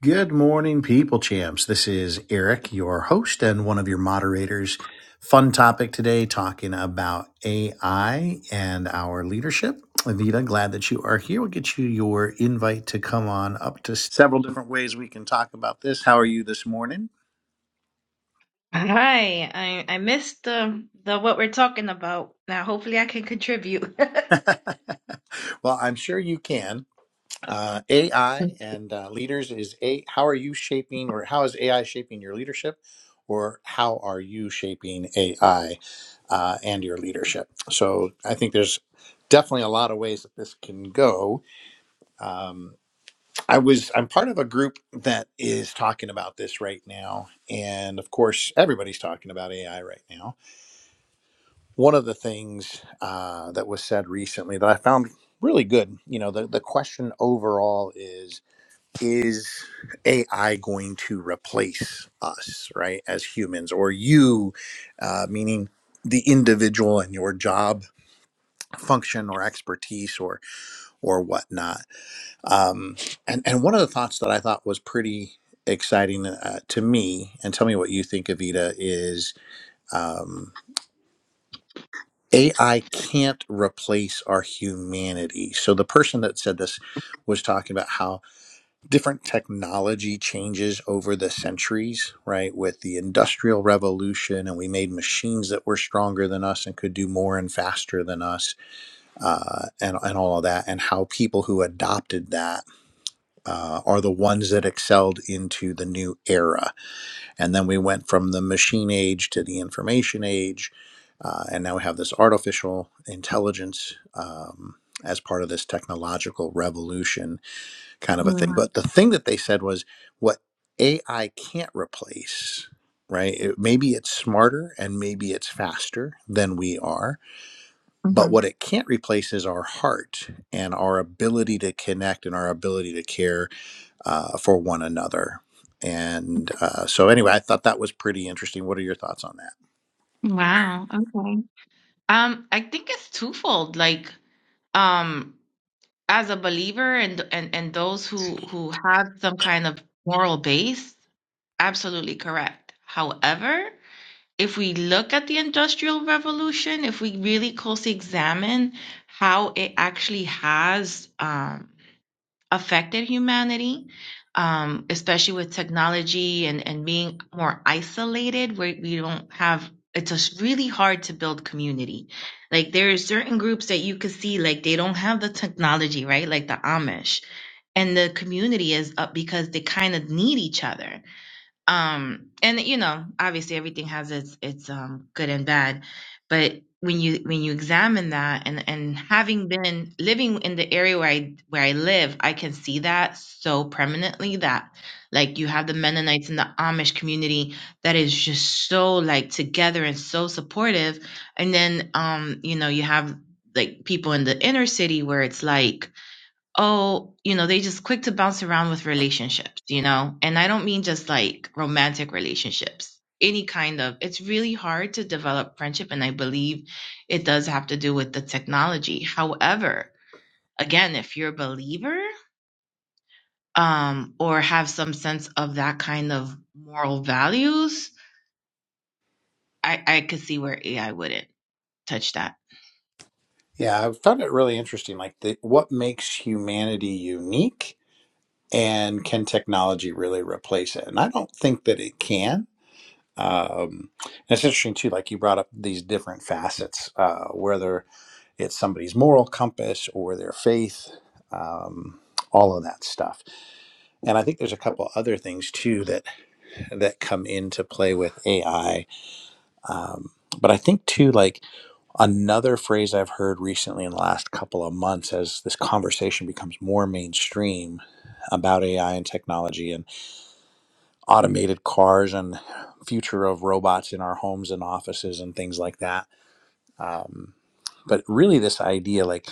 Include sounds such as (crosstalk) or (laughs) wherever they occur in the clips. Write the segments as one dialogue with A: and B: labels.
A: Good morning, people champs. This is Eric, your host and one of your moderators. Fun topic today talking about AI and our leadership. Avita, glad that you are here. We'll get you your invite to come on up to several different ways we can talk about this. How are you this morning?
B: Hi, I I missed the the what we're talking about. Now hopefully I can contribute. (laughs)
A: (laughs) well, I'm sure you can. Uh, AI and uh, leaders is a. How are you shaping, or how is AI shaping your leadership, or how are you shaping AI? uh, and your leadership. So I think there's definitely a lot of ways that this can go. Um, I was I'm part of a group that is talking about this right now, and of course everybody's talking about AI right now. One of the things uh, that was said recently that I found really good, you know, the the question overall is is AI going to replace us, right, as humans, or you, uh, meaning the individual and your job function or expertise or or whatnot. Um, and and one of the thoughts that I thought was pretty exciting uh, to me, and tell me what you think, Evita, is um, AI can't replace our humanity. So the person that said this was talking about how different technology changes over the centuries, right? With the industrial revolution, and we made machines that were stronger than us and could do more and faster than us uh, and and all of that, and how people who adopted that uh, are the ones that excelled into the new era. And then we went from the machine age to the information age, uh, and now we have this artificial intelligence. Um, as part of this technological revolution, kind of a thing. But the thing that they said was what AI can't replace, right? It, maybe it's smarter and maybe it's faster than we are,
B: Mhm.
A: but what it can't replace is our heart and our ability to connect and our ability to care uh, for one another. And uh, so, anyway, I thought that was pretty interesting. What are your thoughts on that?
B: Wow. Okay. Um, I think it's twofold. Like, um, as a believer and and and those who who have some kind of moral base, absolutely correct. However, if we look at the Industrial Revolution, if we really closely examine how it actually has um affected humanity, um, especially with technology and, and being more isolated where we don't have it's just really hard to build community. Like there are certain groups that you could see like they don't have the technology, right? Like the Amish. And the community is up because they kind of need each other um and you know obviously everything has its its um good and bad but when you when you examine that and and having been living in the area where i where i live i can see that so prominently that like you have the mennonites and the amish community that is just so like together and so supportive and then um you know you have like people in the inner city where it's like oh, you know, they just quick to bounce around with relationships, you know? And I don't mean just like romantic relationships, any kind of. It's really hard to develop friendship. And I believe it does have to do with the technology. However, again, if you're a believer, um, or have some sense of that kind of moral values, I, I could see where AI wouldn't. touch that.
A: Yeah, I found it really interesting. Like, the, what makes humanity unique, and can technology really replace it? And I don't think that it can. Um, and it's interesting too. Like you brought up these different facets, uh, whether it's somebody's moral compass or their faith, um, all of that stuff. And I think there's a couple other things too that that come into play with AI. Um, but I think too, like another phrase I've heard recently in the last couple of months, as this conversation becomes more mainstream about AI and technology and automated cars and future of robots in our homes and offices and things like that Um, but really, this idea like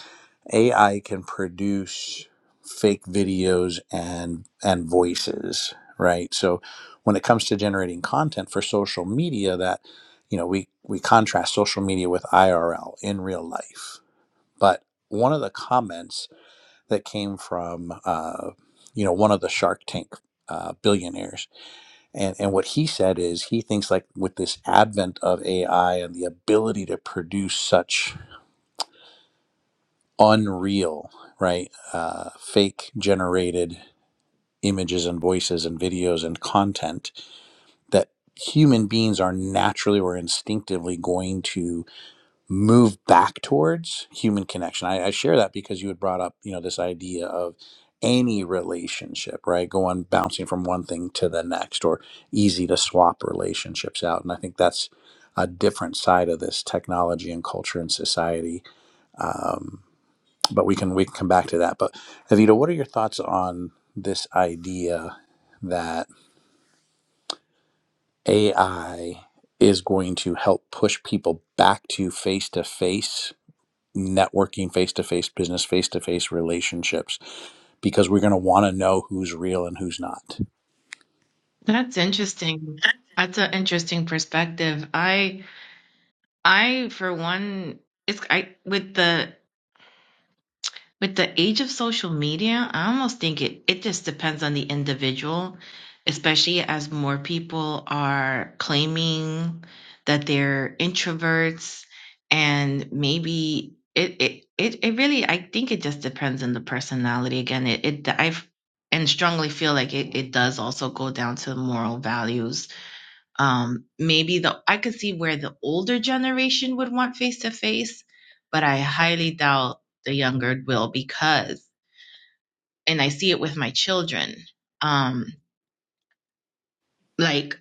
A: AI can produce fake videos and and voices, right? So when it comes to generating content for social media, that you know we we contrast social media with IRL in real life. But one of the comments that came from uh, you know one of the Shark Tank uh, billionaires, and and what he said is he thinks like with this advent of AI and the ability to produce such unreal, right? Uh, fake generated images and voices and videos and content that human beings are naturally or instinctively going to move back towards human connection. I, I share that because you had brought up, you know, this idea of any relationship, right? Going bouncing from one thing to the next or easy to swap relationships out. And I think that's a different side of this technology and culture and society um, but we can we can come back to that. But Evita, what are your thoughts on this idea that AI is going to help push people back to face to face networking, face to face business, face to face relationships because we're going to want to know who's real and who's not.
B: That's interesting. That's an interesting perspective. I I for one it's I with the with the age of social media, I almost think it, it just depends on the individual, especially as more people are claiming that they're introverts and maybe it, it, it, it really, I think it just depends on the personality. Again, it, it, I've, and strongly feel like it, it does also go down to moral values um, maybe the I could see where the older generation would want face to face, but I highly doubt the younger will because, and I see it with my children. Um, like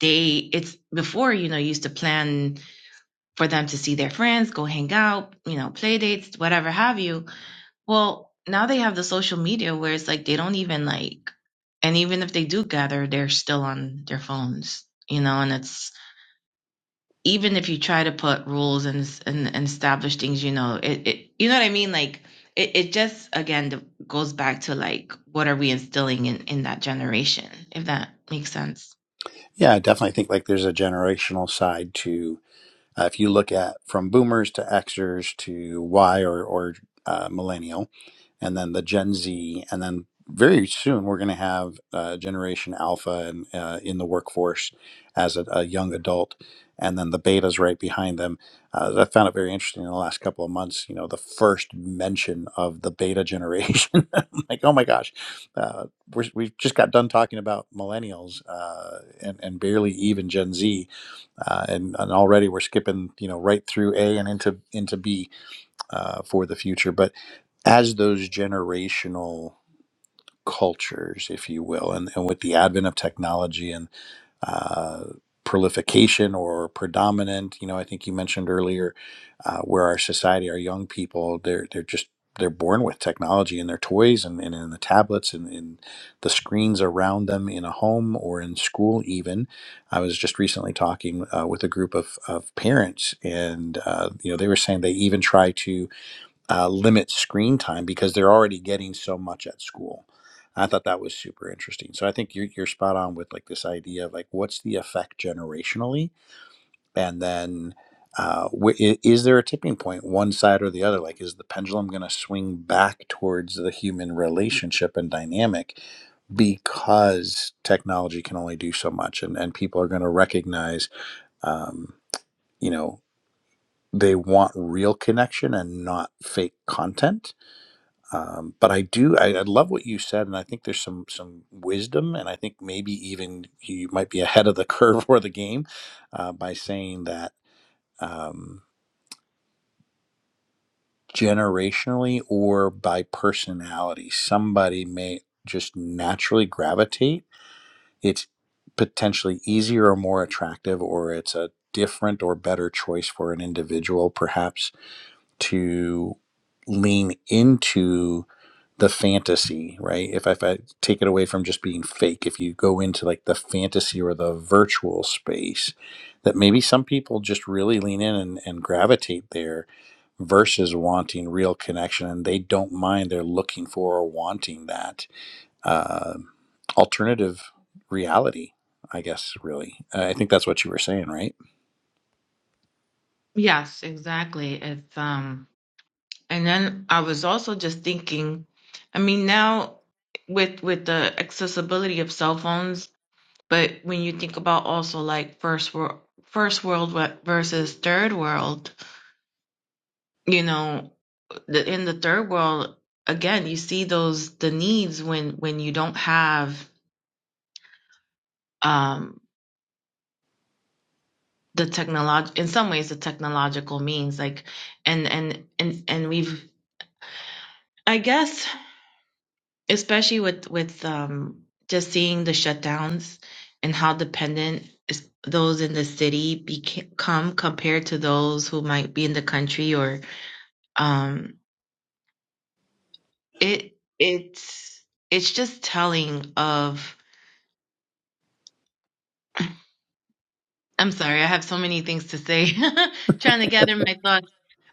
B: they, it's before you know, you used to plan for them to see their friends, go hang out, you know, play dates, whatever have you. Well, now they have the social media where it's like they don't even like, and even if they do gather, they're still on their phones, you know, and it's even if you try to put rules and and, and establish things, you know, it, it you know what I mean? Like it, it just again goes back to like what are we instilling in in that generation, if that makes sense.
A: Yeah, I definitely think like there's a generational side to uh, if you look at from boomers to Xers to Y or or uh, millennial and then the Gen Z, and then very soon we're going to have uh, Generation Alpha and uh, in the workforce as a, a young adult, and then the betas right behind them. Uh, I found it very interesting in the last couple of months. You know, the first mention of the beta generation, (laughs) I'm like oh my gosh, uh, we're, we just got done talking about millennials uh, and and barely even Gen Z, uh, and, and already we're skipping you know right through A and into into B uh, for the future. But as those generational cultures, if you will, and, and with the advent of technology and uh, prolification or predominant, you know, I think you mentioned earlier, uh, where our society, our young people, they're they're just they're born with technology in their toys and, and in the tablets and in the screens around them in a home or in school even i was just recently talking uh, with a group of, of parents and uh, you know they were saying they even try to uh, limit screen time because they're already getting so much at school. I thought that was super interesting. So I think you're, you're spot on with like this idea of like what's the effect generationally, and then uh, wh- i- is there a tipping point, one side or the other? Like, is the pendulum going to swing back towards the human relationship and dynamic because technology can only do so much, and and people are going to recognize, um, you know, they want real connection and not fake content um, but I do, I, I love what you said, and I think there's some some wisdom, and I think maybe even you might be ahead of the (laughs) curve or the game uh, by saying that um, generationally or by personality, somebody may just naturally gravitate. It's potentially easier or more attractive, or it's a different or better choice for an individual, perhaps to lean into the fantasy, right? If I, if I take it away from just being fake, if you go into like the fantasy or the virtual space, that maybe some people just really lean in and, and gravitate there versus wanting real connection and they don't mind they're looking for or wanting that uh, alternative reality, I guess, really. I think that's what you were saying, right?
B: Yes, exactly. It's um and then I was also just thinking, I mean now with with the accessibility of cell phones, but when you think about also like first world first world versus third world, you know, the, in the third world again you see those the needs when when you don't have um the technolog in some ways the technological means like and and and and we've i guess especially with with um just seeing the shutdowns and how dependent is those in the city become compared to those who might be in the country or um it it's it's just telling of I'm sorry, I have so many things to say, (laughs) trying to gather my thoughts.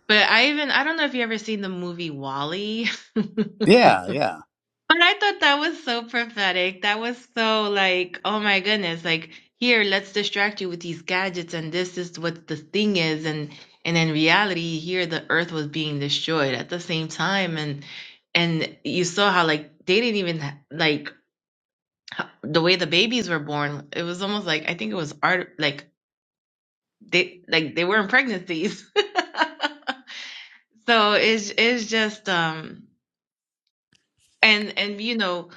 B: But I even, I don't know if you ever seen the movie Wall-E, (laughs)
A: Yeah, yeah.
B: but I thought that was so prophetic. That was so like, oh my goodness, like here, let's distract you with these gadgets, and this is what the thing is, and and in reality, here the Earth was being destroyed at the same time, and and you saw how like they didn't even like h- the way the babies were born. It was almost like I think it was art like they like they weren't pregnancies. (laughs) so it's it's just um and and you know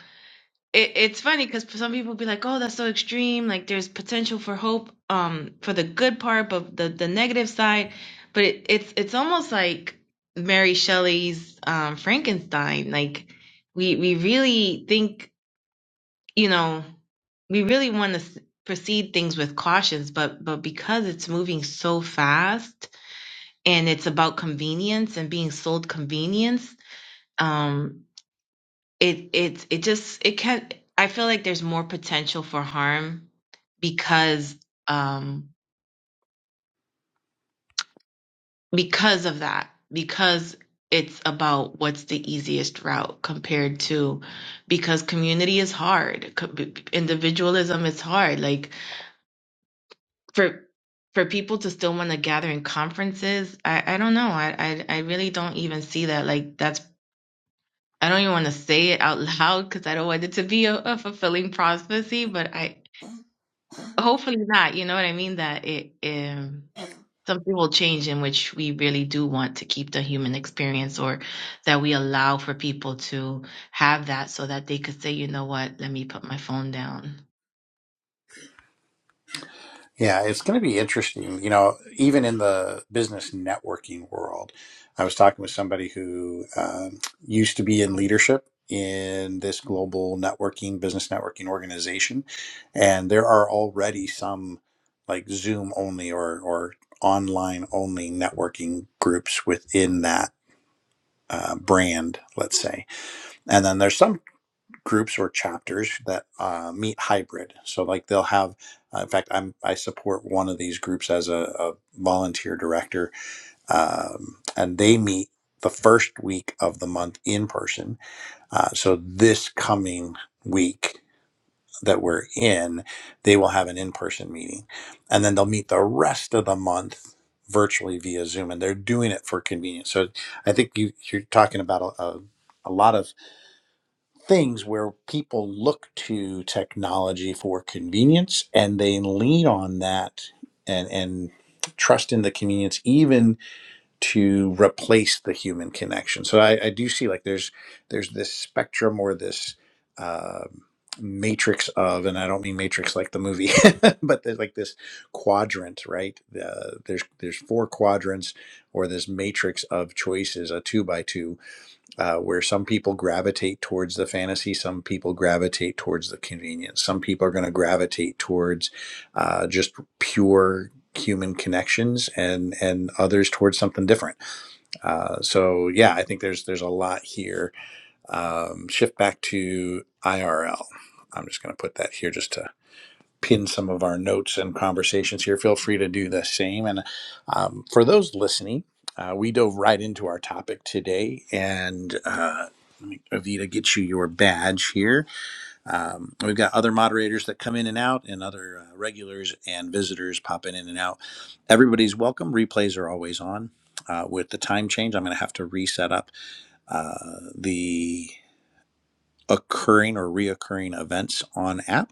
B: it, it's funny because some people be like, oh, that's so extreme. Like there's potential for hope um for the good part, but the the negative side. But it, it's it's almost like Mary Shelley's um, Frankenstein. Like we we really think you know we really want to proceed things with cautions, but but because it's moving so fast and it's about convenience and being sold convenience um it it it just it can i feel like there's more potential for harm because um because of that because it's about what's the easiest route compared to because community is hard co- b- individualism is hard like for for people to still want to gather in conferences i i don't know i i, I really don't even see that like that's I don't even want to say it out (laughs) loud because I don't want it to be a, a fulfilling prophecy, but I hopefully not. You know what I mean? That it um, something will change in which we really do want to keep the human experience, or that we allow for people to have that, so that they could say, you know what, let me put my phone down.
A: Yeah, it's going to be interesting. You know, even in the business networking world, I was talking with somebody who um, used to be in leadership in this global networking, business networking organization. And there are already some like Zoom only or, or online only networking groups within that uh, brand, let's say. And then there's some groups or chapters that uh, meet hybrid. So like they'll have, uh, in fact, I'm I support one of these groups as a, a volunteer director, um, and they meet the first week of the month in person. Uh, so this coming week that we're in, they will have an in-person meeting, and then they'll meet the rest of the month virtually via Zoom, and they're doing it for convenience. So I think you, you're talking about a, a, a lot of things where people look to technology for convenience and they lean on that and and trust in the convenience even to replace the human connection so i, I do see like there's there's this spectrum or this um matrix of and i don't mean matrix like the movie (laughs) but there's like this quadrant right uh, there's there's four quadrants or this matrix of choices a two by two uh, where some people gravitate towards the fantasy, some people gravitate towards the convenience, some people are going to gravitate towards uh, just pure human connections, and and others towards something different. Uh, so yeah, I think there's there's a lot here. Um, shift back to IRL. I'm just going to put that here just to pin some of our notes and conversations here. Feel free to do the same. And um, for those listening, uh, we dove right into our topic today. And uh, let me, Avita, get you your badge here. Um, we've got other moderators that come in and out, and other uh, regulars and visitors popping in and out. Everybody's welcome. Replays are always on. Uh, with the time change, I'm going to have to reset up uh, the occurring or reoccurring events on app.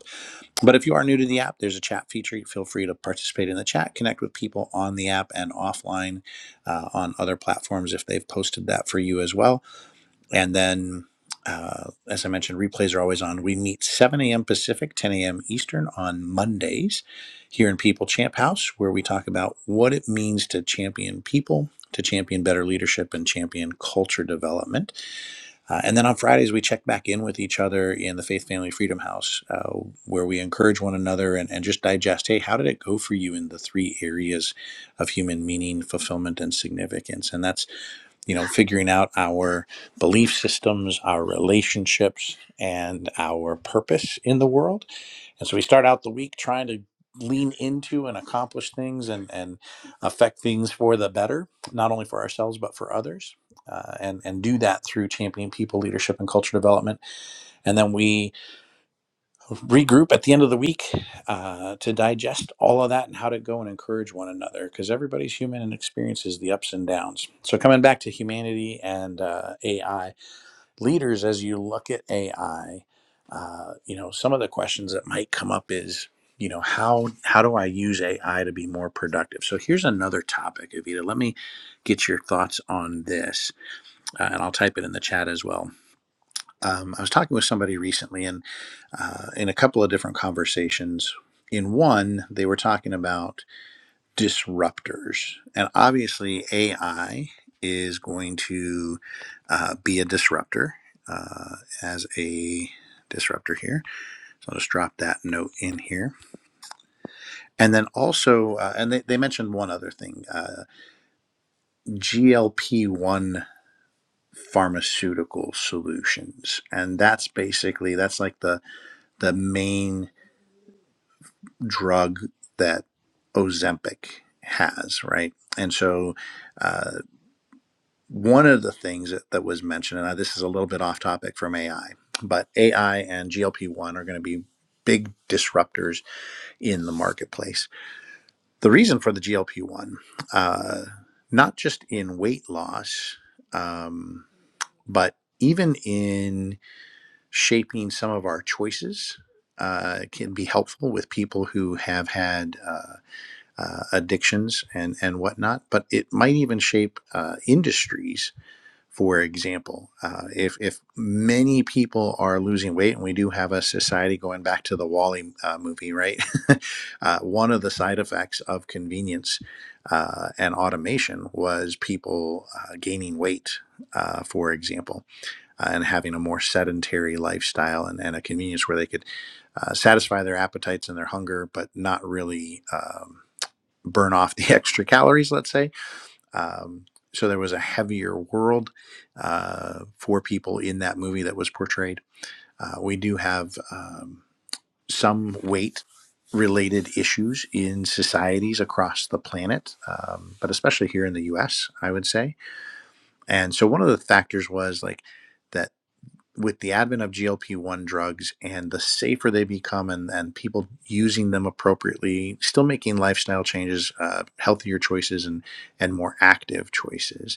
A: But if you are new to the app, there's a chat feature. Feel free to participate in the chat, connect with people on the app and offline uh, on other platforms if they've posted that for you as well. And then, uh, as I mentioned, replays are always on. We meet 7 a.m. Pacific, 10 a.m. Eastern on Mondays here in People Champ House, where we talk about what it means to champion people, to champion better leadership, and champion culture development. Uh, and then on Fridays, we check back in with each other in the Faith Family Freedom House, uh, where we encourage one another and, and just digest hey, how did it go for you in the three areas of human meaning, fulfillment, and significance? And that's, you know, figuring out our belief systems, our relationships, and our purpose in the world and so we start out the week trying to lean into and accomplish things and, and affect things for the better, not only for ourselves, but for others. Uh, and, and do that through championing people, leadership, and culture development. And then we regroup at the end of the week uh, to digest all of that and how to go and encourage one another because everybody's human and experiences the ups and downs. So, coming back to humanity and uh, AI, leaders as you look at AI, uh, you know, some of the questions that might come up is, you know, how how do I use AI to be more productive? So here's another topic, Evita. Let me get your thoughts on this, uh, and I'll type it in the chat as well. Um, I was talking with somebody recently, and uh, in a couple of different conversations. In one, they were talking about disruptors. And obviously, AI is going to uh, be a disruptor uh, as a disruptor here. So I'll just drop that note in here. And then also, uh, and they, they mentioned one other thing uh, GLP 1 pharmaceutical solutions and that's basically that's like the the main drug that ozempic has right and so uh, one of the things that, that was mentioned, and this is a little bit off topic from AI, but AI and GLP 1 are going to be big disruptors in the marketplace. The reason for the GLP 1, uh, not just in weight loss, um, but even in shaping some of our choices, uh, can be helpful with people who have had. Uh, uh, addictions and and whatnot, but it might even shape uh, industries for example. Uh, if, if many people are losing weight, and we do have a society going back to the Wally uh, movie, right? (laughs) uh, one of the side effects of convenience uh, and automation was people uh, gaining weight, uh, for example, uh, and having a more sedentary lifestyle and, and a convenience where they could uh, satisfy their appetites and their hunger, but not really um, burn off (laughs) the extra calories, let's say um, so there was a heavier world uh, for people in that movie that was portrayed. Uh, we do have um, some weight related issues in societies across the planet, um, but especially here in the US, I would say. And so one of the factors was like that with the advent of GLP 1 drugs and the safer they become and, and people using them appropriately, still making lifestyle changes, uh, healthier choices, and, and more active choices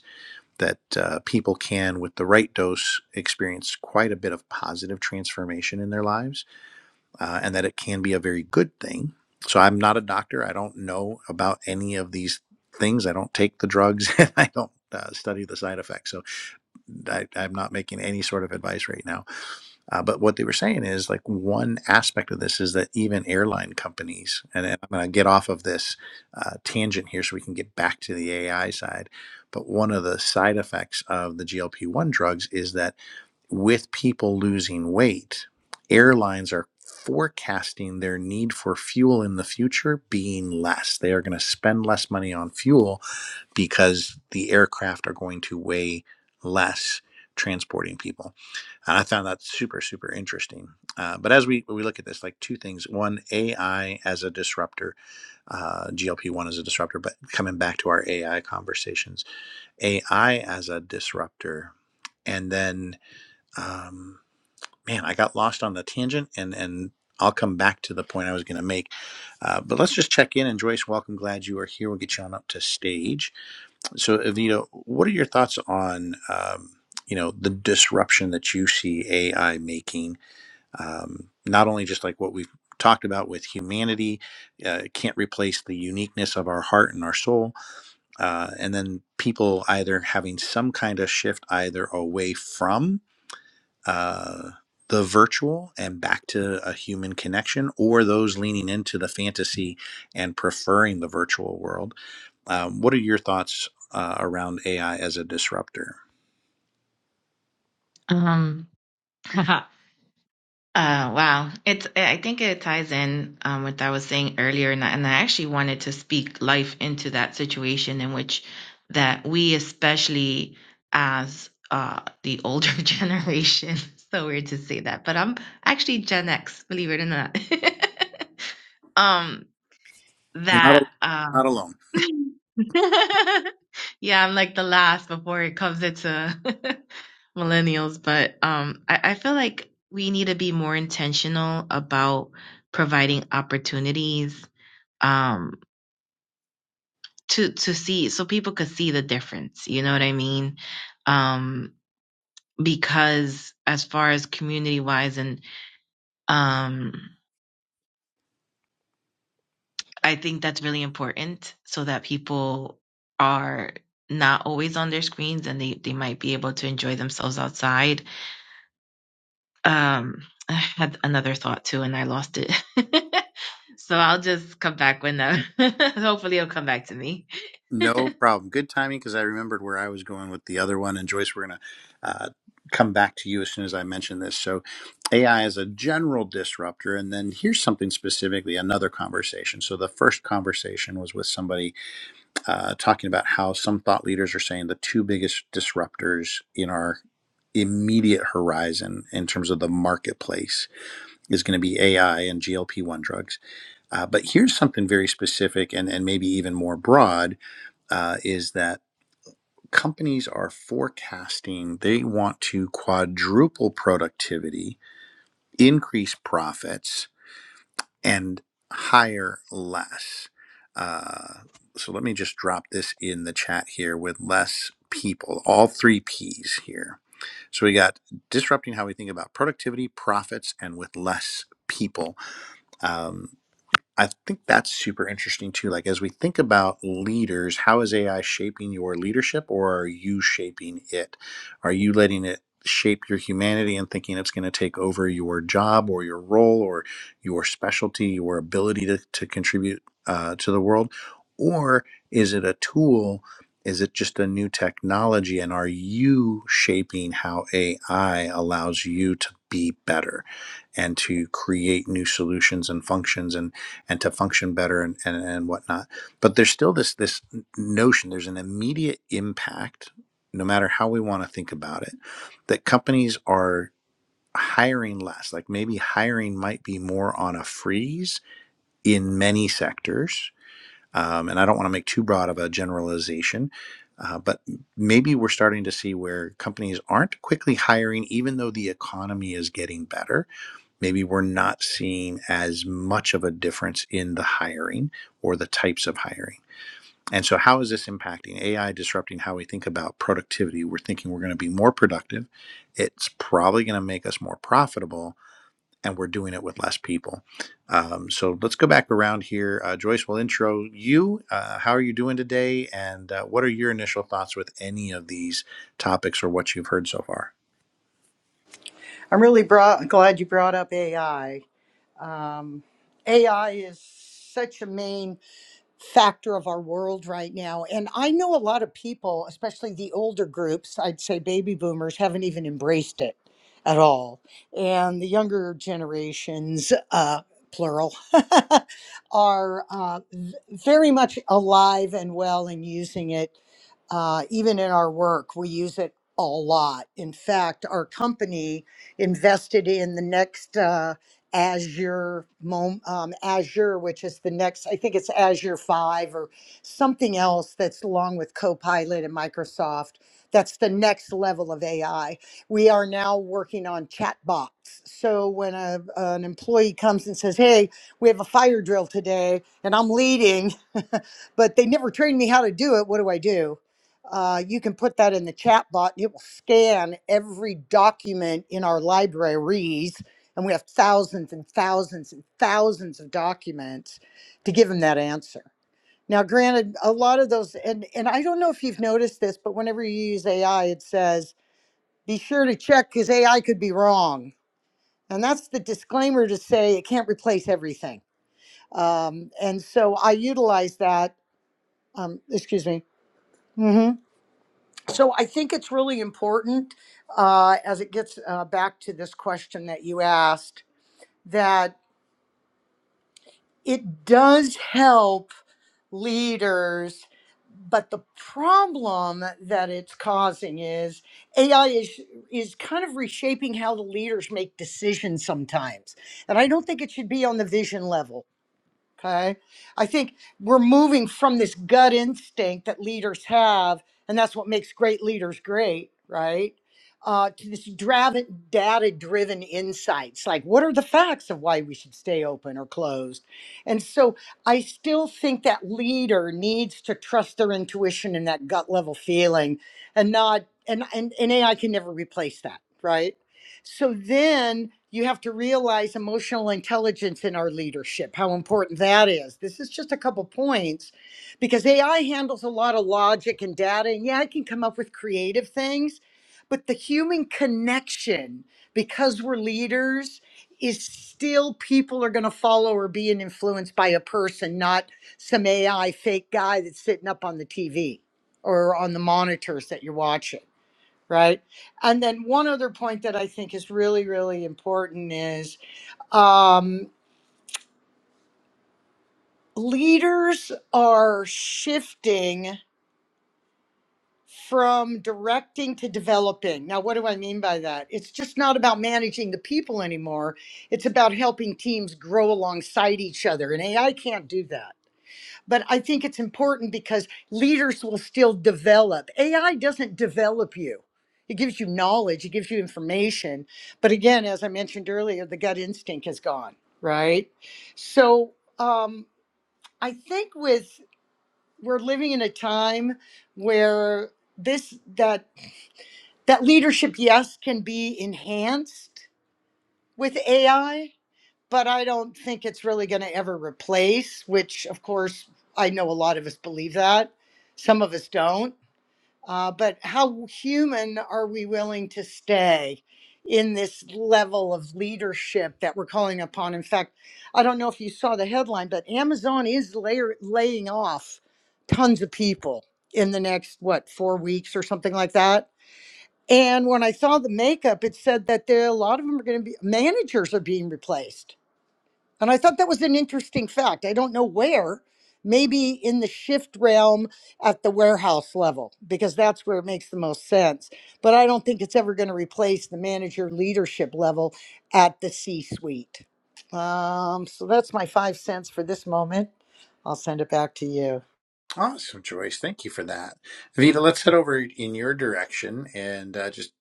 A: that uh, people can, with the right dose, experience quite a bit of positive transformation in their lives, uh, and that it can be a very good thing. So, I'm not a doctor. I don't know about any of these things. I don't take the drugs (laughs) and I don't uh, study the side effects. So, I, I'm not making any sort of advice right now uh, but what they were saying is like one aspect of this is that even airline companies, and I'm going to get off of this uh, tangent here so we can get back to the AI side. But one of the side effects of the GLP 1 drugs is that with people losing weight, airlines are forecasting their need for fuel in the future being less. They are going to spend less money on fuel because the aircraft are going to weigh less transporting people and I found that super super interesting. Uh, but as we we look at this, like two things: one, AI as a disruptor, uh, GLP one as a disruptor. But coming back to our AI conversations, AI as a disruptor, and then um, man, I got lost on the tangent, and and I'll come back to the point I was going to make. Uh, but let's just check in. And Joyce, welcome. Glad you are here. We'll get you on up to stage. So, Evita, what are your thoughts on? Um, you know the disruption that you see AI making um, not only just like what we've talked about with humanity uh, can't replace the uniqueness of our heart and our soul uh, and then people either having some kind of shift either away from uh, the virtual and back to a human connection or those leaning into the fantasy and preferring the virtual world um, what are your thoughts uh, around ai as a disruptor
B: Um, (laughs) Uh, wow. It's, I think it ties in, um, with what I was saying earlier. And I, and I actually wanted to speak life into that situation in which that we, especially as, uh, the older (laughs) generation, so weird to say that, but I'm actually Gen X, believe it or not. (laughs) um,
A: you're not,
B: that,
A: al- not
B: um,
A: alone
B: (laughs) (laughs) yeah, I'm like the last before it comes into (laughs) millennials, but um, I, I feel like we need to be more intentional about providing opportunities um, to to see so people could see the difference. You know what I mean? Um, because as far as community wise, and um, I think that's really important so that people are not always on their screens and they, they might be able to enjoy themselves outside Um, I had another thought too, and I lost it. (laughs) so I'll just come back when uh, (laughs) hopefully it'll come back to me. (laughs)
A: No problem. Good timing because I remembered where I was going with the other one. And Joyce, we're going to uh, come back to you as soon as I mention this. So, AI is a general disruptor. And then here's something specifically another conversation. So, the first conversation was with somebody uh, talking about how some thought leaders are saying the two biggest disruptors in our immediate horizon in terms of the marketplace is going to be AI and GLP 1 drugs. Uh, but here's something very specific and, and maybe even more broad uh, is that companies are forecasting they want to quadruple productivity, increase profits, and hire less. Uh, so let me just drop this in the chat here with less people, all three P's here. So we got disrupting how we think about productivity, profits, and with less people. Um, I think that's super interesting too. Like, as we think about leaders, how is AI shaping your leadership or are you shaping it? Are you letting it shape your humanity and thinking it's going to take over your job or your role or your specialty, your ability to, to contribute uh, to the world? Or is it a tool? Is it just a new technology? And are you shaping how AI allows you to be better and to create new solutions and functions? And and to function better and, and, and whatnot. But there's still this this notion, there's an immediate impact, no matter how we want to think about it, that companies are hiring less. Like maybe hiring might be more on a freeze in many sectors. Um, and I don't want to make too broad of a generalization, uh, but maybe we're starting to see where companies aren't quickly hiring, even though the economy is getting better maybe we're not seeing as much of a difference in the hiring or the types of hiring. And so, how is this impacting AI disrupting how we think about productivity? We're thinking we're going to be more productive. It's probably going to make us more profitable, and we're doing it with less people. Um, so, let's go back around here. Uh, Joyce will intro you. Uh, how are you doing today? And uh, what are your initial thoughts with any of these topics or what you've heard so far?
C: I'm really brought, glad you brought up AI. Um, AI is such a main factor of our world right now. And I know a lot of people, especially the older groups, I'd say baby boomers, haven't even embraced it at all. And the younger generations, uh, plural, (laughs) are uh, v- very much alive and well and using it uh, even in our work, we use it a lot. In fact, our company invested in the next uh, Azure, Mom- um, Azure, which is the next, I think it's Azure 5 or something else that's along with Copilot and Microsoft. That's the next level of AI. We are now working on chatbots. So when a, an employee comes and says, Hey, we have a fire drill today and I'm leading, (laughs) but they never trained me how to do it, what do I do? Uh, you can put that in the chatbot. It will scan every document in our libraries and we have thousands and thousands and thousands of documents to give them that answer. Now, granted, a lot of those, and, and I don't know if you've noticed this, but whenever you use AI, it says, be sure to check because AI could be wrong. And that's the disclaimer to say it can't replace everything. Um, and so I utilize that. Um, excuse me. hmm So I think it's really important uh, as it gets uh, back to this question that you asked that. it does help leaders but the problem that it's causing is ai is is kind of reshaping how the leaders make decisions sometimes and i don't think it should be on the vision level Okay. I think we're moving from this gut instinct that leaders have, and that's what makes great leaders great, right? Uh, to this data driven insights like what are the facts of why we should stay open or closed and so i still think that leader needs to trust their intuition and that gut level feeling and not and and, and ai can never replace that right so then you have to realize emotional intelligence in our leadership, how important that is. This is just a couple points because AI handles a lot of logic and data. And yeah, it can come up with creative things, but the human connection, because we're leaders, is still people are going to follow or be influenced by a person, not some AI fake guy that's sitting up on the TV or on the monitors that you're watching right? And then one other point that I think is really, really important is um, leaders are shifting from directing to developing. Now, what do I mean by that? It's just not about managing the people anymore. It's about helping teams grow alongside each other, and AI can't do that but I think it's important because leaders will still develop. AI doesn't develop you. It gives you knowledge, it gives you information. But again, as I mentioned earlier, the gut instinct is gone, right? So um, I think with we're living in a time where this that that leadership yes can be enhanced with AI but I don't think it's really going to ever replace, which, of course, I know a lot of us believe that. Some of us don't. Uh, but how human are we willing to stay in this level of leadership that we're calling upon? In fact, I don't know if you saw the headline, but Amazon is layer, laying off tons of people in the next, what, four weeks or something like that. And when I saw the makeup, it said that there a lot of them are going to be managers are being replaced and I thought that was an interesting fact. I don't know where, maybe in the shift realm at the warehouse level, because that's where it makes the most sense. But I don't think it's ever going to replace the manager leadership level at the C suite. Um, so that's my five cents for this moment. I'll send it back to you.
A: Awesome, Joyce. Thank you for that. Vita, let's head over in your direction and uh, just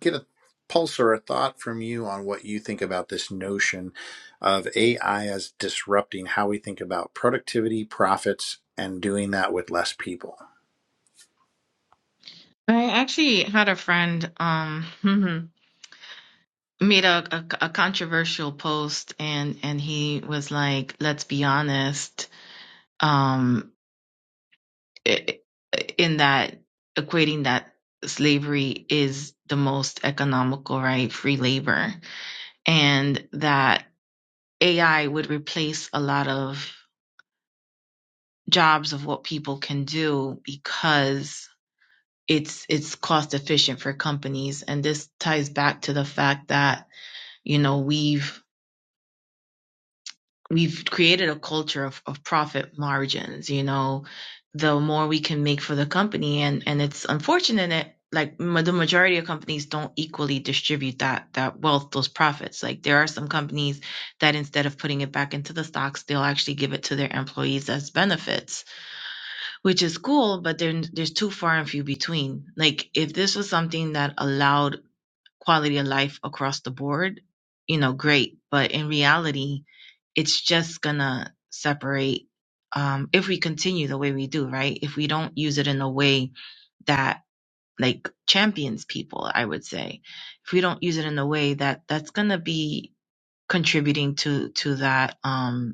A: get a pulse or a thought from you on what you think about this notion of AI as disrupting how we think about productivity, profits, and doing that with less people.
B: I actually had a friend um (laughs) made a, a a controversial post, and and he was like, "Let's be honest." Um, in that equating that slavery is the most economical right, free labor, and that AI would replace a lot of jobs of what people can do because it's it's cost efficient for companies and this ties back to the fact that you know we've we've created a culture of, of profit margins you know the more we can make for the company and and it's unfortunate that like ma- the majority of companies don't equally distribute that that wealth those profits like there are some companies that instead of putting it back into the stocks they'll actually give it to their employees as benefits which is cool, but then there's too far and few between. Like if this was something that allowed quality of life across the board, you know, great. But in reality, it's just gonna separate um, if we continue the way we do, right? If we don't use it in a way that like champions people, I would say, if we don't use it in a way that that's gonna be contributing to to that. um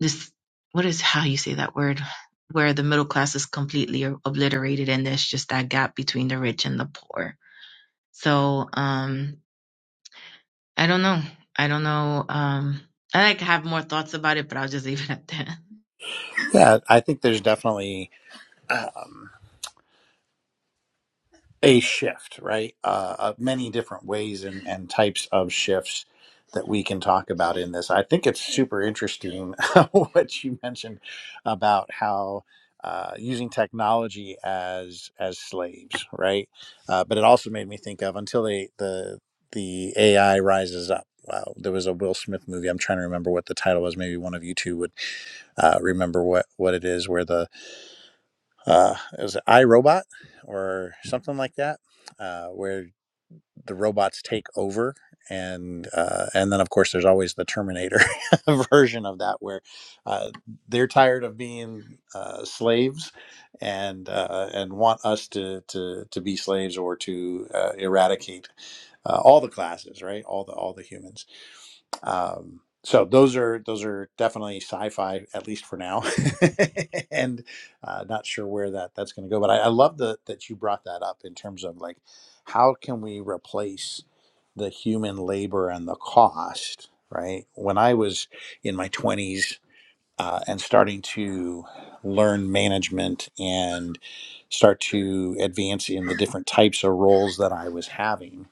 B: this what is how you say that word where the middle class is completely obliterated and there's just that gap between the rich and the poor so um i don't know i don't know um i like have more thoughts about it but i'll just (laughs) leave it at that
A: Yeah, I think there's definitely. a shift, right? Uh, uh, many different ways and, and types of shifts that we can talk about in this. I think it's super interesting (laughs) what you mentioned about how uh, using technology as as slaves, right? Uh, but it also made me think of until they, the the AI rises up. Wow, there was a Will Smith movie. I'm trying to remember what the title was. Maybe one of you two would uh, remember what what it is, where the uh, it was iRobot or something like that, uh, where the robots take over. And uh, and then of course there's always the Terminator (laughs) version of that where uh, they're tired of being uh, slaves and uh, and want us to, to to be slaves or to uh, eradicate uh, all the classes right all the all the humans um, so those are those are definitely sci-fi at least for now (laughs) and uh, not sure where that that's going to go but I, I love the, that you brought that up in terms of like how can we replace the human labor and the cost right when i was in my 20s uh, and starting to learn management and start to advance in the different types of roles that i was having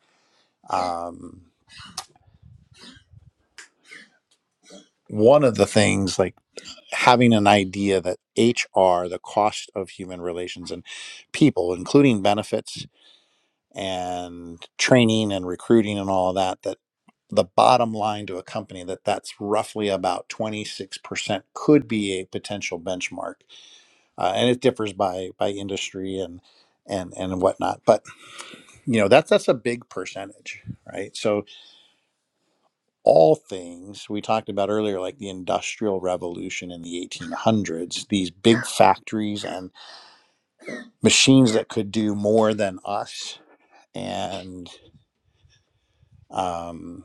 A: um, one of the things like having an idea that HR, the cost of human relations and people, including benefits and training and recruiting and all of that, that the bottom line to a company that that's roughly about 26% could be a potential benchmark uh, and it differs by by industry and and and whatnot but you know that's that's a big percentage right so all things we talked about earlier like the industrial revolution in the 1800s these big factories and machines that could do more than us and um,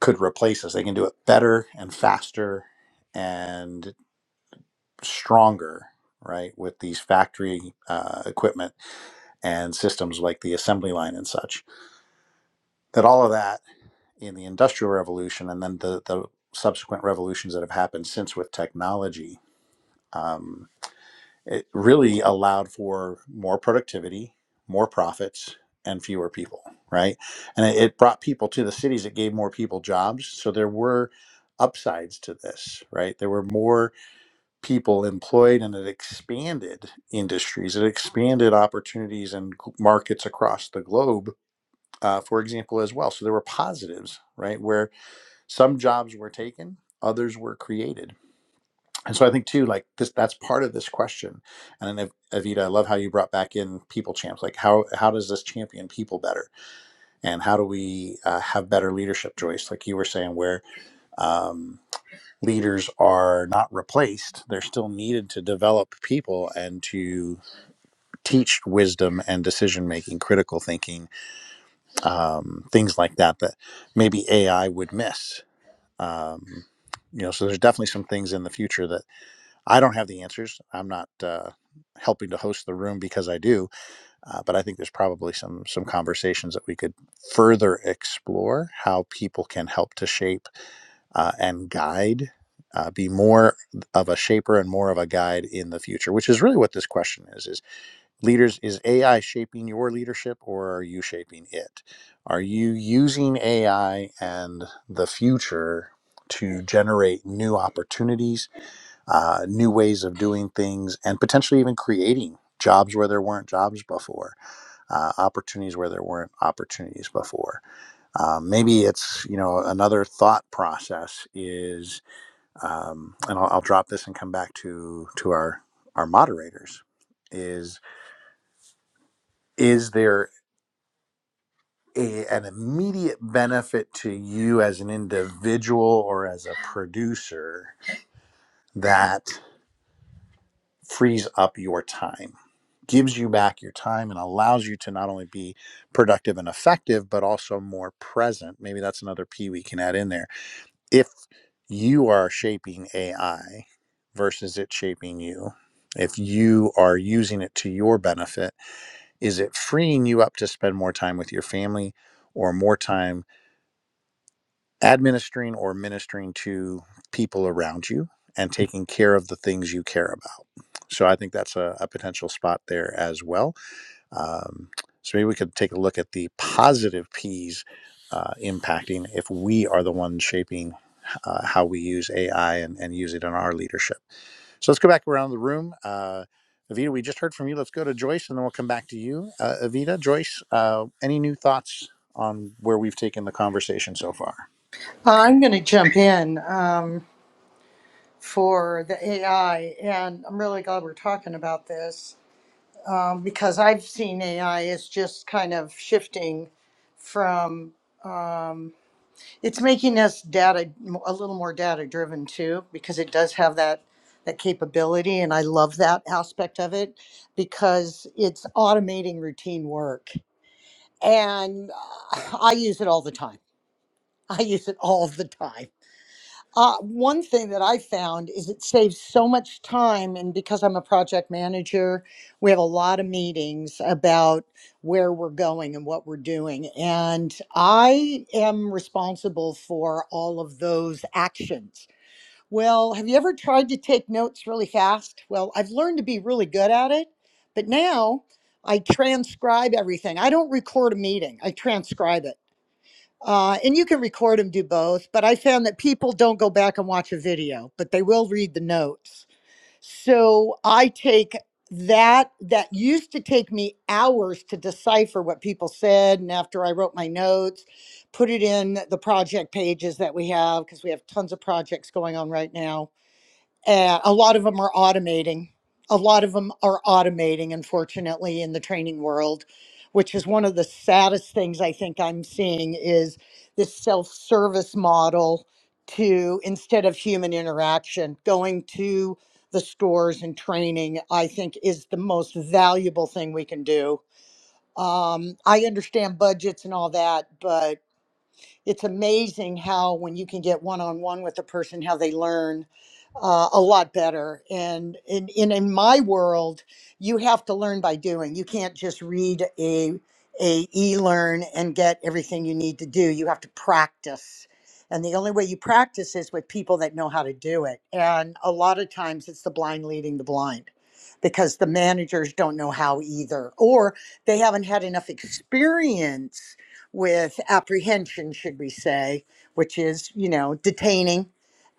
A: could replace us. They can do it better and faster and stronger, right? With these factory uh, equipment and systems like the assembly line and such. That all of that in the industrial revolution and then the, the subsequent revolutions that have happened since with technology. um, It really allowed for more productivity, more profits, and fewer people, right? And it it brought people to the cities. It gave more people jobs. So there were upsides to this, right? There were more people employed and it expanded industries. It expanded opportunities and g- markets across the globe, uh, for example, as well. So there were positives, right? Where some jobs were taken, others were created and so I think too, like this, that's part of this question. And then Ev- Evita, I love how you brought back in people champs. Like how how does this champion people better, and how do we uh, have better leadership, Joyce? Like you were saying, where um, leaders are not replaced, they're still needed to develop people and to teach wisdom and decision making, critical thinking, um, things like that that maybe AI would miss. Um, you know, so there's definitely some things in the future I don't have the answers. I'm not uh, helping to host the room because I do, uh, but I think there's probably some some conversations that we could further explore how people can help to shape uh, and guide, uh, be more of a shaper and more of a guide in the future, which is really what this question is: is leaders is AI shaping your leadership or are you shaping it? Are you using AI and the future to generate new opportunities? uh, new ways of doing things, and potentially even creating jobs where there weren't jobs before, uh, opportunities where there weren't opportunities before. Um, maybe it's you know another thought process is, um, and I'll, I'll drop this and come back to to our our moderators. Is is there a, an immediate benefit to you as an individual or as a producer? that frees up your time, gives you back your time, and allows you to not only be productive and effective, but also more present. Maybe that's another P we can add in there. If you are shaping AI versus it shaping you, if you are using it to your benefit, is it freeing you up to spend more time with your family? Or more time administering or ministering to people around you and taking care of the things you care about. So I think that's a, a potential spot there as well. Um, so maybe we could take a look at the positive P's uh, impacting if we are the ones shaping uh, how we use AI and, and use it in our leadership. So let's go back around the room. Uh, Avita, we just heard from you. Let's go to Joyce and then we'll come back to you. Uh, Avita, Joyce, uh, any new thoughts on where we've taken the conversation so far?
C: I'm going to jump in um, for the AI, and I'm really glad we're talking about this. um, because I've seen AI as just kind of shifting from um, it's making us data a little more data driven too because it does have that that capability and I love that aspect of it because it's automating routine work and uh, I use it all the time. I use it all the time uh, one thing that I found is it saves so much time. And because I'm a project manager, we have a lot of meetings about where we're going and what we're doing. And I am responsible for all of those actions. Well, have you ever tried to take notes really fast? Well, I've learned to be really good at it, but now I transcribe everything. I don't record a meeting, I transcribe it. Uh, and you can record them, do both, but I found that people don't go back and watch a video, but they will read the notes. So I take that that used to take me hours to decipher what people said and after I wrote my notes, put it in the project pages that we have because we have tons of projects going on right now uh, a lot of them are automating. A lot of them are automating, unfortunately, in the training world, which is one of the saddest things I think I'm seeing is this self-service model to instead of human interaction, going to the stores and training, I think is the most valuable thing we can do. Um, I understand budgets and all that, but it's amazing how when you can get one-on-one with a person how they learn uh, a lot better and in, in in my world you have to learn by doing you can't just read a a e-learn and get everything you need to do you have to practice and the only way you practice is with people that know how to do it and a lot of times it's the blind leading the blind because the managers don't know how either or they haven't had enough experience with apprehension, should we say, which is, you know, detaining,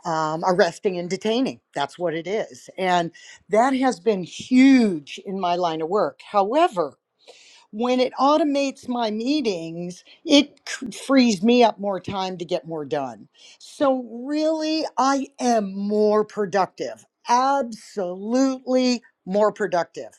C: um, arresting and detaining. That's what it is. And that has been huge in my line of work. However, when it automates my meetings, it c- frees me up more time to get more done. So, really, I am more productive, absolutely more productive.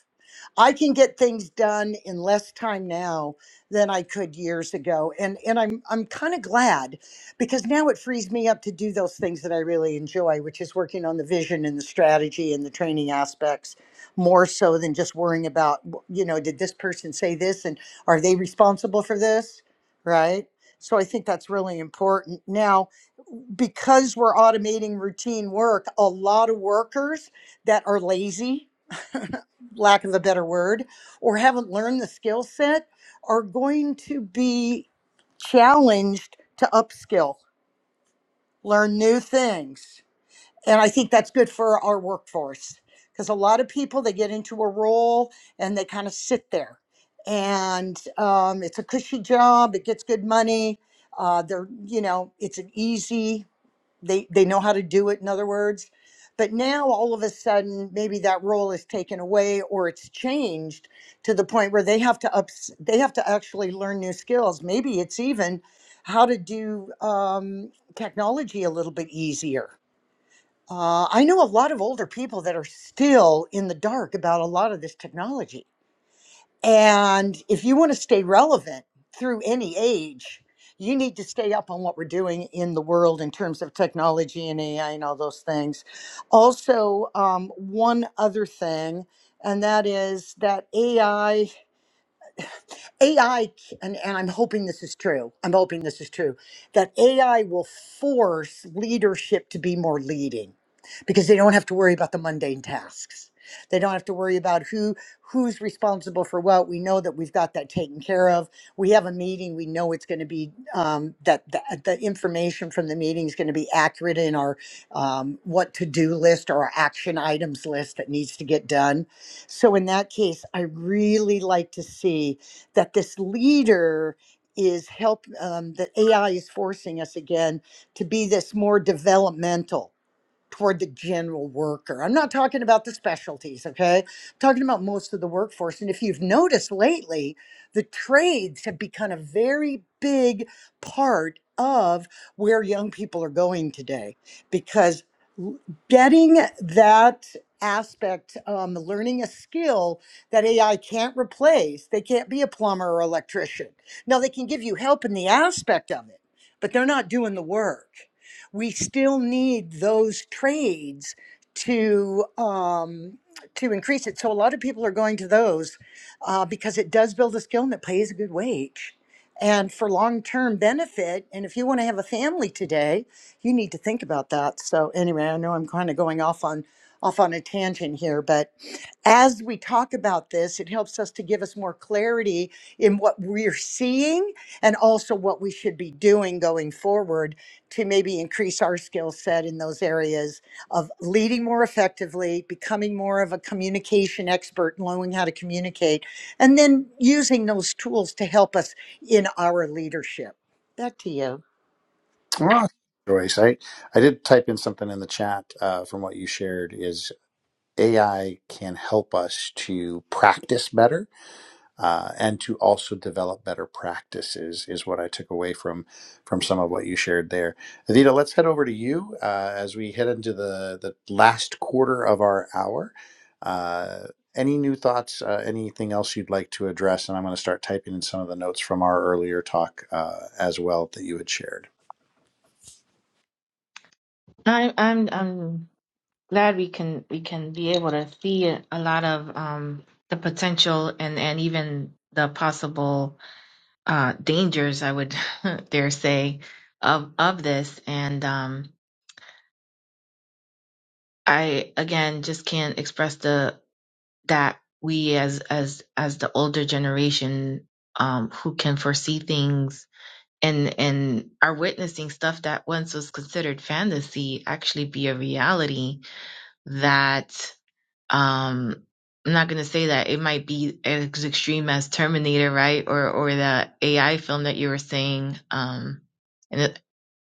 C: I can get things done in less time now than I could years ago. And and I'm I'm kind of glad because now it frees me up to do those things that I really enjoy, which is working on the vision and the strategy and the training aspects more so than just worrying about you know, did this person say this and are they responsible for this? Right? So I think that's really important. Now, because we're automating routine work, a lot of workers that are lazy (laughs) lack of a better word, or haven't learned the skill set are going to be challenged to upskill, learn new things. And I think that's good for our workforce because a lot of people they get into a role and they kind of sit there. And um, it's a cushy job, it gets good money. Uh, they're, you know, it's an easy they they know how to do it in other words but now all of a sudden maybe that role is taken away or it's changed to the point where they have to ups they have to actually learn new skills maybe it's even how to do um, technology a little bit easier uh, i know a lot of older people that are still in the dark about a lot of this technology and if you want to stay relevant through any age, you need to stay up on what we're doing in the world in terms of technology and AI and all those things. Also, um, one other thing, and that is that AI. AI, and, and I'm hoping this is true, I'm hoping this is true, that AI will force leadership to be more leading because they don't have to worry about the mundane tasks. They don't have to worry about who who's responsible for what. We know that we've got that taken care of. We have a meeting. We know it's going to be um, that the, the information from the meeting is going to be accurate in our um, what to do list or our action items list that needs to get done. So in that case, I really like to see that this leader is help um, that AI is forcing us again to be this more developmental toward the general worker. I'm not talking about the specialties, okay? I'm talking about most of the workforce. And if you've noticed lately, the trades have become a very big part of where young people are going today because l- getting that aspect um, learning a skill that ai can't replace they can't be a plumber or electrician now they can give you help in the aspect of it but they're not doing the work we still need those trades to um, to increase it. So a lot of people are going to those uh, because it does build a skill and it pays a good wage. And for long term benefit, and if you want to have a family today, you need to think about that. So anyway, I know I'm kind of going off on off on a tangent here, but as we talk about this, it helps us to give us more clarity in what we're seeing and also what we should be doing going forward to maybe increase our skill set in those areas of leading more effectively, becoming more of a communication expert, knowing how to communicate, and then using those tools to help us in our leadership. Back to you.
A: Awesome, Joyce. I, I did type in something in the chat uh, from what you shared is AI can help us to practice better uh, and to also develop better practices is what I took away from from some of what you shared there. Adita, let's head over to you uh, as we head into the, the last quarter of our hour. Uh, any new thoughts, uh, anything else you'd like to address? And I'm going to start typing in some of the notes from our earlier talk uh, as well that you had shared.
B: i'm i'm i'm glad we can we can be able to see a lot of um the potential and and even the possible uh dangers i would (laughs) dare say of of this and um I again just can't express the that we as as as the older generation um who can foresee things and and are witnessing stuff that once was considered fantasy actually be a reality that um I'm not gonna say that it might be as extreme as Terminator, right? Or or the AI film that you were saying. Um and it,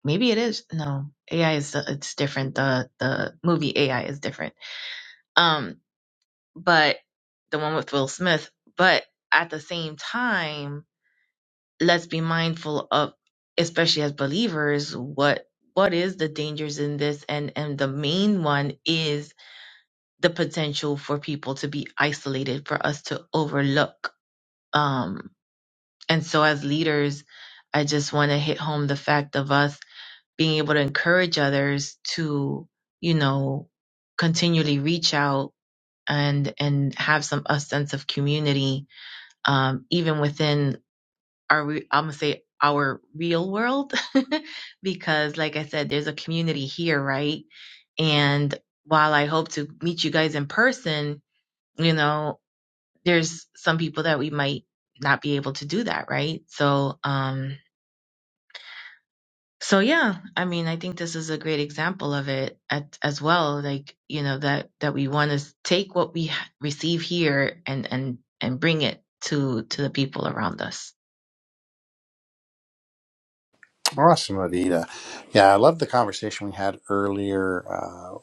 B: maybe it is no AI is it's different. The the movie AI is different Um, but the one with Will Smith. But at the same time, let's be mindful of, especially as believers, what what is the dangers in this, and and the main one is the potential for people to be isolated, for us to overlook. Um, and so as leaders, I just want to hit home the fact of us being able to encourage others to, you know, continually reach out and and have some a sense of community um, even within our, re- I'm gonna say our real world, (laughs) because like I said, there's a community here, right? And while I hope to meet you guys in person, you know, there's some people that we might not be able to do that, right? So, um, so yeah, I mean, I think this is a great example of it at, as well. Like, you know, that, that we want to take what we h- receive here and, and, and bring it to, to the people around us.
A: Awesome, Avita. Yeah, I love the conversation we had earlier. Uh,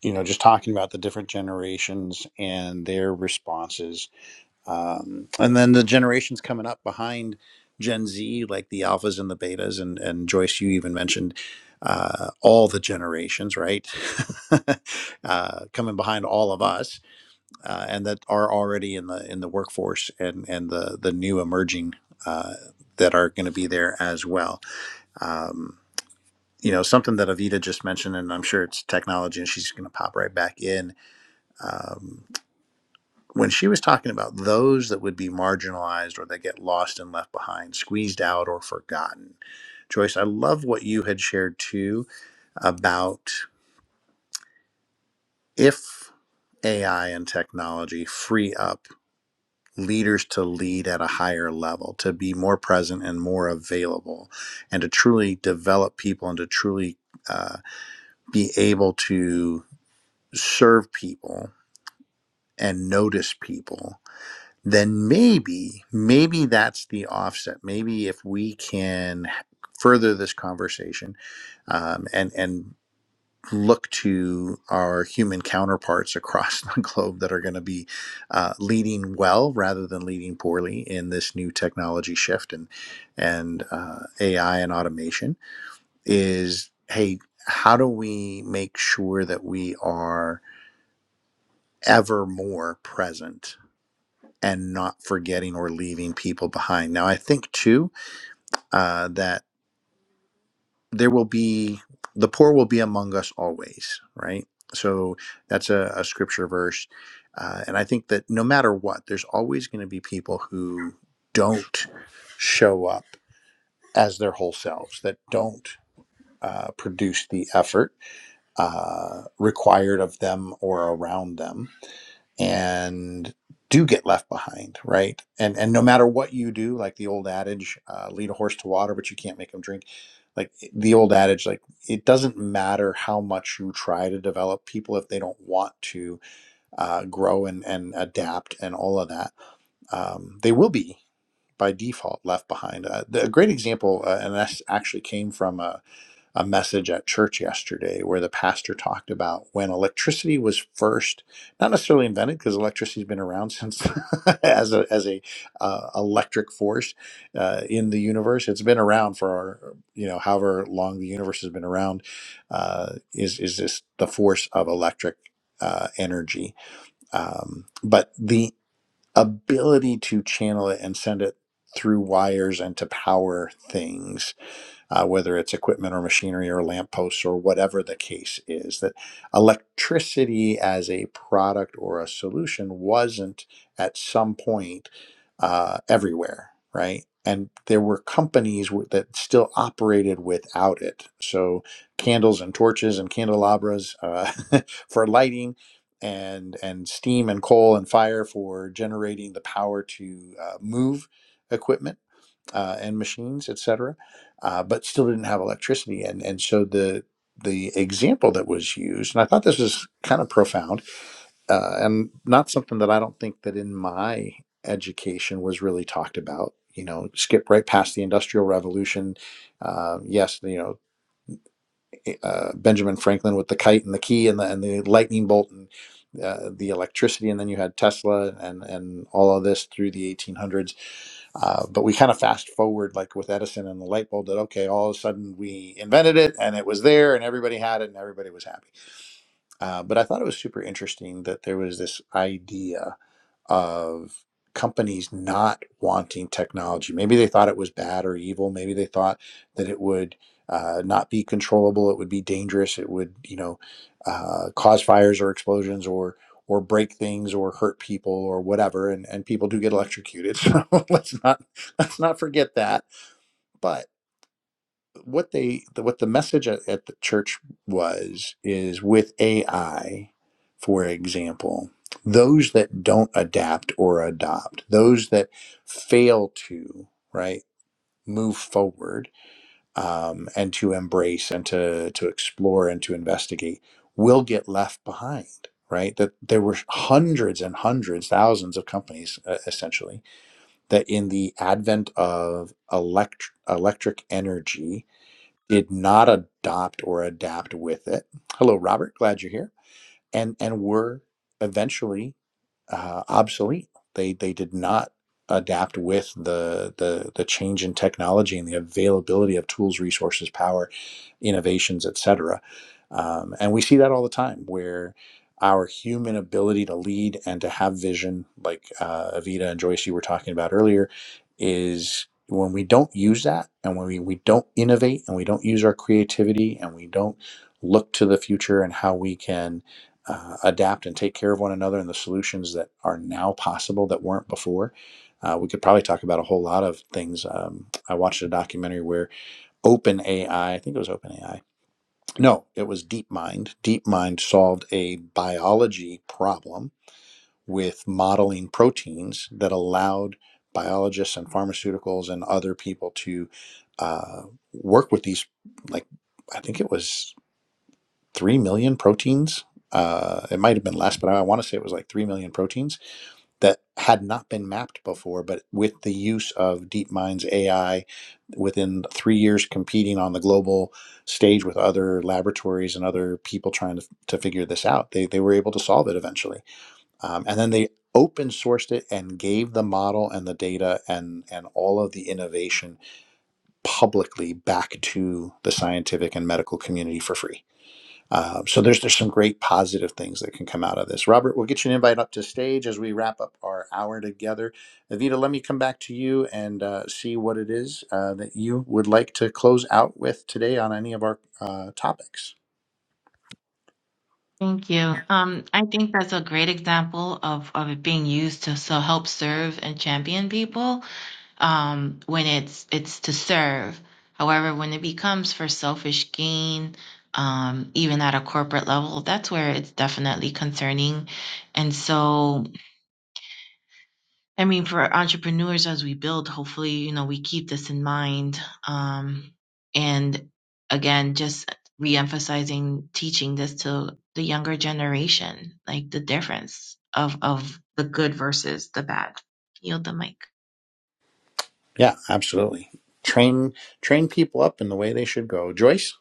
A: you know, just talking about the different generations and their responses, um, and then the generations coming up behind Gen Z, like the alphas and the betas, and and Joyce, you even mentioned uh, all the generations, right? (laughs) uh, coming behind all of us, uh, and that are already in the in the workforce, and and the the new emerging uh, that are going to be there as well. Um, you know something that Avita just mentioned, and I'm sure it's technology, and she's going to pop right back in. Um, when she was talking about those that would be marginalized or that get lost and left behind, squeezed out or forgotten, Joyce, I love what you had shared too about if AI and technology free up leaders to lead at a higher level, to be more present and more available, and to truly develop people and to truly uh, be able to serve people and notice people, then maybe, maybe that's the offset. Maybe if we can further this conversation um, and and look to our human counterparts across (laughs) the globe that are going to be uh, leading well rather than leading poorly in this new technology shift and and uh, AI and automation is hey how do we make sure that we are ever more present and not forgetting or leaving people behind. Now, I think too uh, that there will be the poor will be among us always, right? So that's a, a scripture verse. Uh, and I think that no matter what, there's always going to be people who don't show up as their whole selves, that don't uh, produce the effort uh, required of them or around them and do get left behind, right? And and no matter what you do, like the old adage, uh, lead a horse to water, but you can't make him drink. Like eh, the old adage, like it doesn't matter how much you try to develop people if they don't want to uh, grow and and adapt and all of that, um, they will be by default left behind. Uh, the, a great example, uh, and this actually came from a a message at church yesterday where the pastor talked about when electricity was first not necessarily invented because electricity's been around since (laughs) as a as a uh, electric force uh, in the universe it's been around for you know however long the universe has been around uh, is is this the force of electric uh, energy um, but the ability to channel it and send it through wires and to power things uh, whether it's equipment or machinery or lampposts or whatever the case is, that electricity as a product or a solution wasn't at some point uh, everywhere, right? And there were companies w- that still operated without it. So candles and torches and candelabras uh, (laughs) for lighting, and and steam and coal and fire for generating the power to uh, move equipment uh, and machines, etc., uh, but still didn't have electricity. And and so the the example that was used, and I thought this was kind of profound, uh, and not something that I don't think that in my education was really talked about. You know, skip right past the Industrial Revolution. Uh, yes, you know uh, Benjamin Franklin with the kite and the key and the and the lightning bolt and uh, the electricity, and then you had Tesla and and all of this through the 1800s uh, but we kind of fast forward, like with Edison and the light bulb, that okay, all of a sudden we invented it and it was there and everybody had it and everybody was happy. Uh, but I thought it was super interesting that there was this idea of companies not wanting technology. Maybe they thought it was bad or evil. Maybe they thought that it would uh, not be controllable. It would be dangerous. It would, you know, uh, cause fires or explosions or or break things or hurt people or whatever. And and people do get electrocuted. (laughs) So let's not let's not forget that. But what they the, what the message at, at the church was is with AI, for example, those that don't adapt or adopt, those that fail to right move forward um, and to embrace and to to explore and to investigate will get left behind. Right, that there were hundreds and hundreds, thousands of companies, uh, essentially, that in the advent of elect- electric energy, did not adopt or adapt with it. Hello, Robert. Glad you're here. And and were eventually uh, obsolete. They they did not adapt with the, the the change in technology and the availability of tools, resources, power, innovations, etc. Um, and we see that all the time, where our human ability to lead and to have vision, like uh, Avita and Joyce you were talking about earlier, is when we don't use that and when we, we don't innovate and we don't use our creativity and we don't look to the future and how we can uh, adapt and take care of one another and the solutions that are now possible that weren't before. Uh, we could probably talk about a whole lot of things. Um, I watched a documentary where OpenAI, I think it was OpenAI, no, it was DeepMind. DeepMind solved a biology problem with modeling proteins that allowed biologists and pharmaceuticals and other people to uh, work with these, like, I think it was three million proteins. Uh, it might have been less, but I want to say it was like three million proteins that had not been mapped before. But with the use of DeepMind's AI, within three years, competing on the global stage with other laboratories and other people trying to, to figure this out, they they were able to solve it eventually. Um, and then they open sourced it and gave the model and the data and and all of the innovation publicly back to the scientific and medical community for free uh, so there's there's some great positive things that can come out of this. Robert, we'll get you an invite up to stage as we wrap up our hour together. Evita, let me come back to you and uh, see what it is uh, that you would like to close out with today on any of our uh, topics.
B: Thank you. Um, I think that's a great example of, of it being used to so help serve and champion people um, when it's it's to serve. However, when it becomes for selfish gain, um, even at a corporate level, that's where it's definitely concerning. And so I mean, for entrepreneurs as we build, hopefully, you know, we keep this in mind. Um, and again, just reemphasizing, teaching this to the younger generation, like the difference of of the good versus the bad. Yield the mic.
A: Yeah, absolutely. Train train people up in the way they should go. Joyce.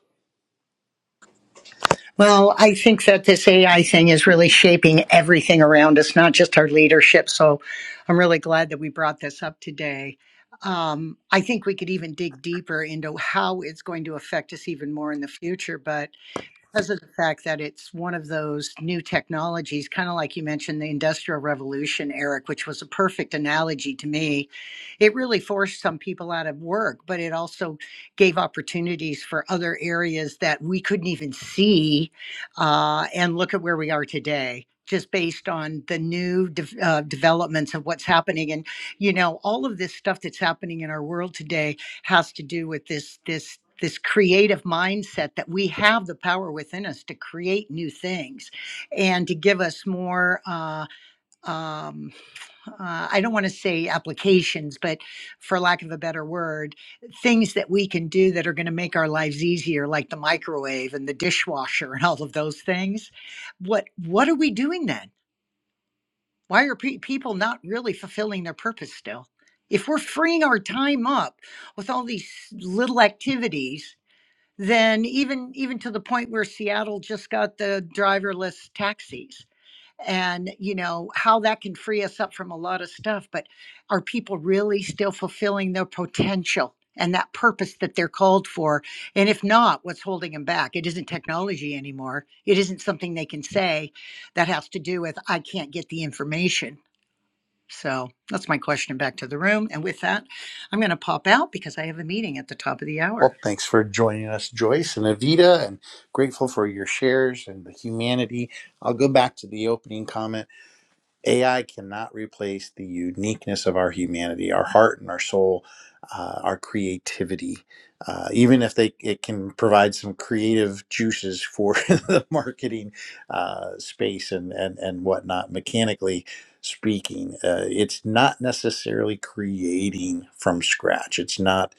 C: Well, I think that this AI thing is really shaping everything around us, not just our leadership. So I'm really glad that we brought this up today. Um, I think we could even dig deeper into how it's going to affect us even more in the future. but. because of the fact that it's one of those new technologies, kind of like you mentioned the Industrial Revolution, Eric, which was a perfect analogy to me. It really forced some people out of work, but it also gave opportunities for other areas that we couldn't even see. Uh, and look at where we are today. Just based on the new de- uh, developments of what's happening, and you know all of this stuff that's happening in our world today has to do with this this this creative mindset that we have the power within us to create new things and to give us more uh, um, uh, i don't want to say applications but for lack of a better word things that we can do that are going to make our lives easier like the microwave and the dishwasher and all of those things what what are we doing then why are pe- people not really fulfilling their purpose still? If we're freeing our time up with all these little activities then even even to the point where Seattle just got the driverless taxis and you know how that can free us up from a lot of stuff but are people really still fulfilling their potential and that purpose that they're called for and if not what's holding them back it isn't technology anymore it isn't something they can say that has to do with i can't get the information so that's my question back to the room and with that i'm going to pop out because i have a meeting at the top of the hour
A: Well, thanks for joining us, Joyce and Avita, and grateful for your shares and the humanity. I'll go back to the opening comment AI cannot replace the uniqueness of our humanity, our heart and our soul, uh, our creativity. Uh, even if they it can provide some creative juices for (laughs) the marketing uh, space and, and and whatnot, mechanically speaking, uh, it's not necessarily creating from scratch. It's not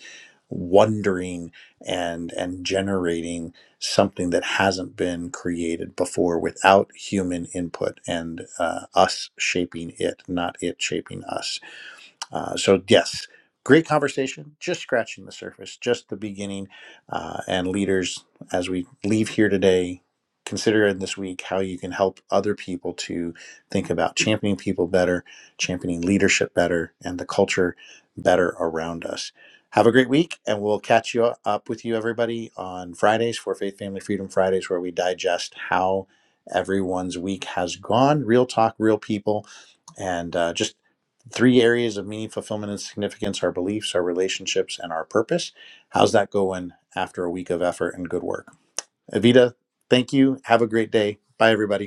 A: wondering and and generating something that hasn't been created before without human input and uh, us shaping it, not it shaping us. Uh, so, yes, great conversation, just scratching the surface, just the beginning. Uh, and leaders, as we leave here today, consider in this week how you can help other people to think about championing people better, championing leadership better, and the culture better around us. Have a great week, and we'll catch you up with you, everybody, on Fridays for Faith, Family, Freedom Fridays, where we digest how everyone's week has gone. Real talk, real people and uh, just Three areas of meaning, fulfillment, and significance our beliefs, our relationships, and our purpose. How's that going after a week of effort and good work? Evita, thank you. Have a great day. Bye, everybody.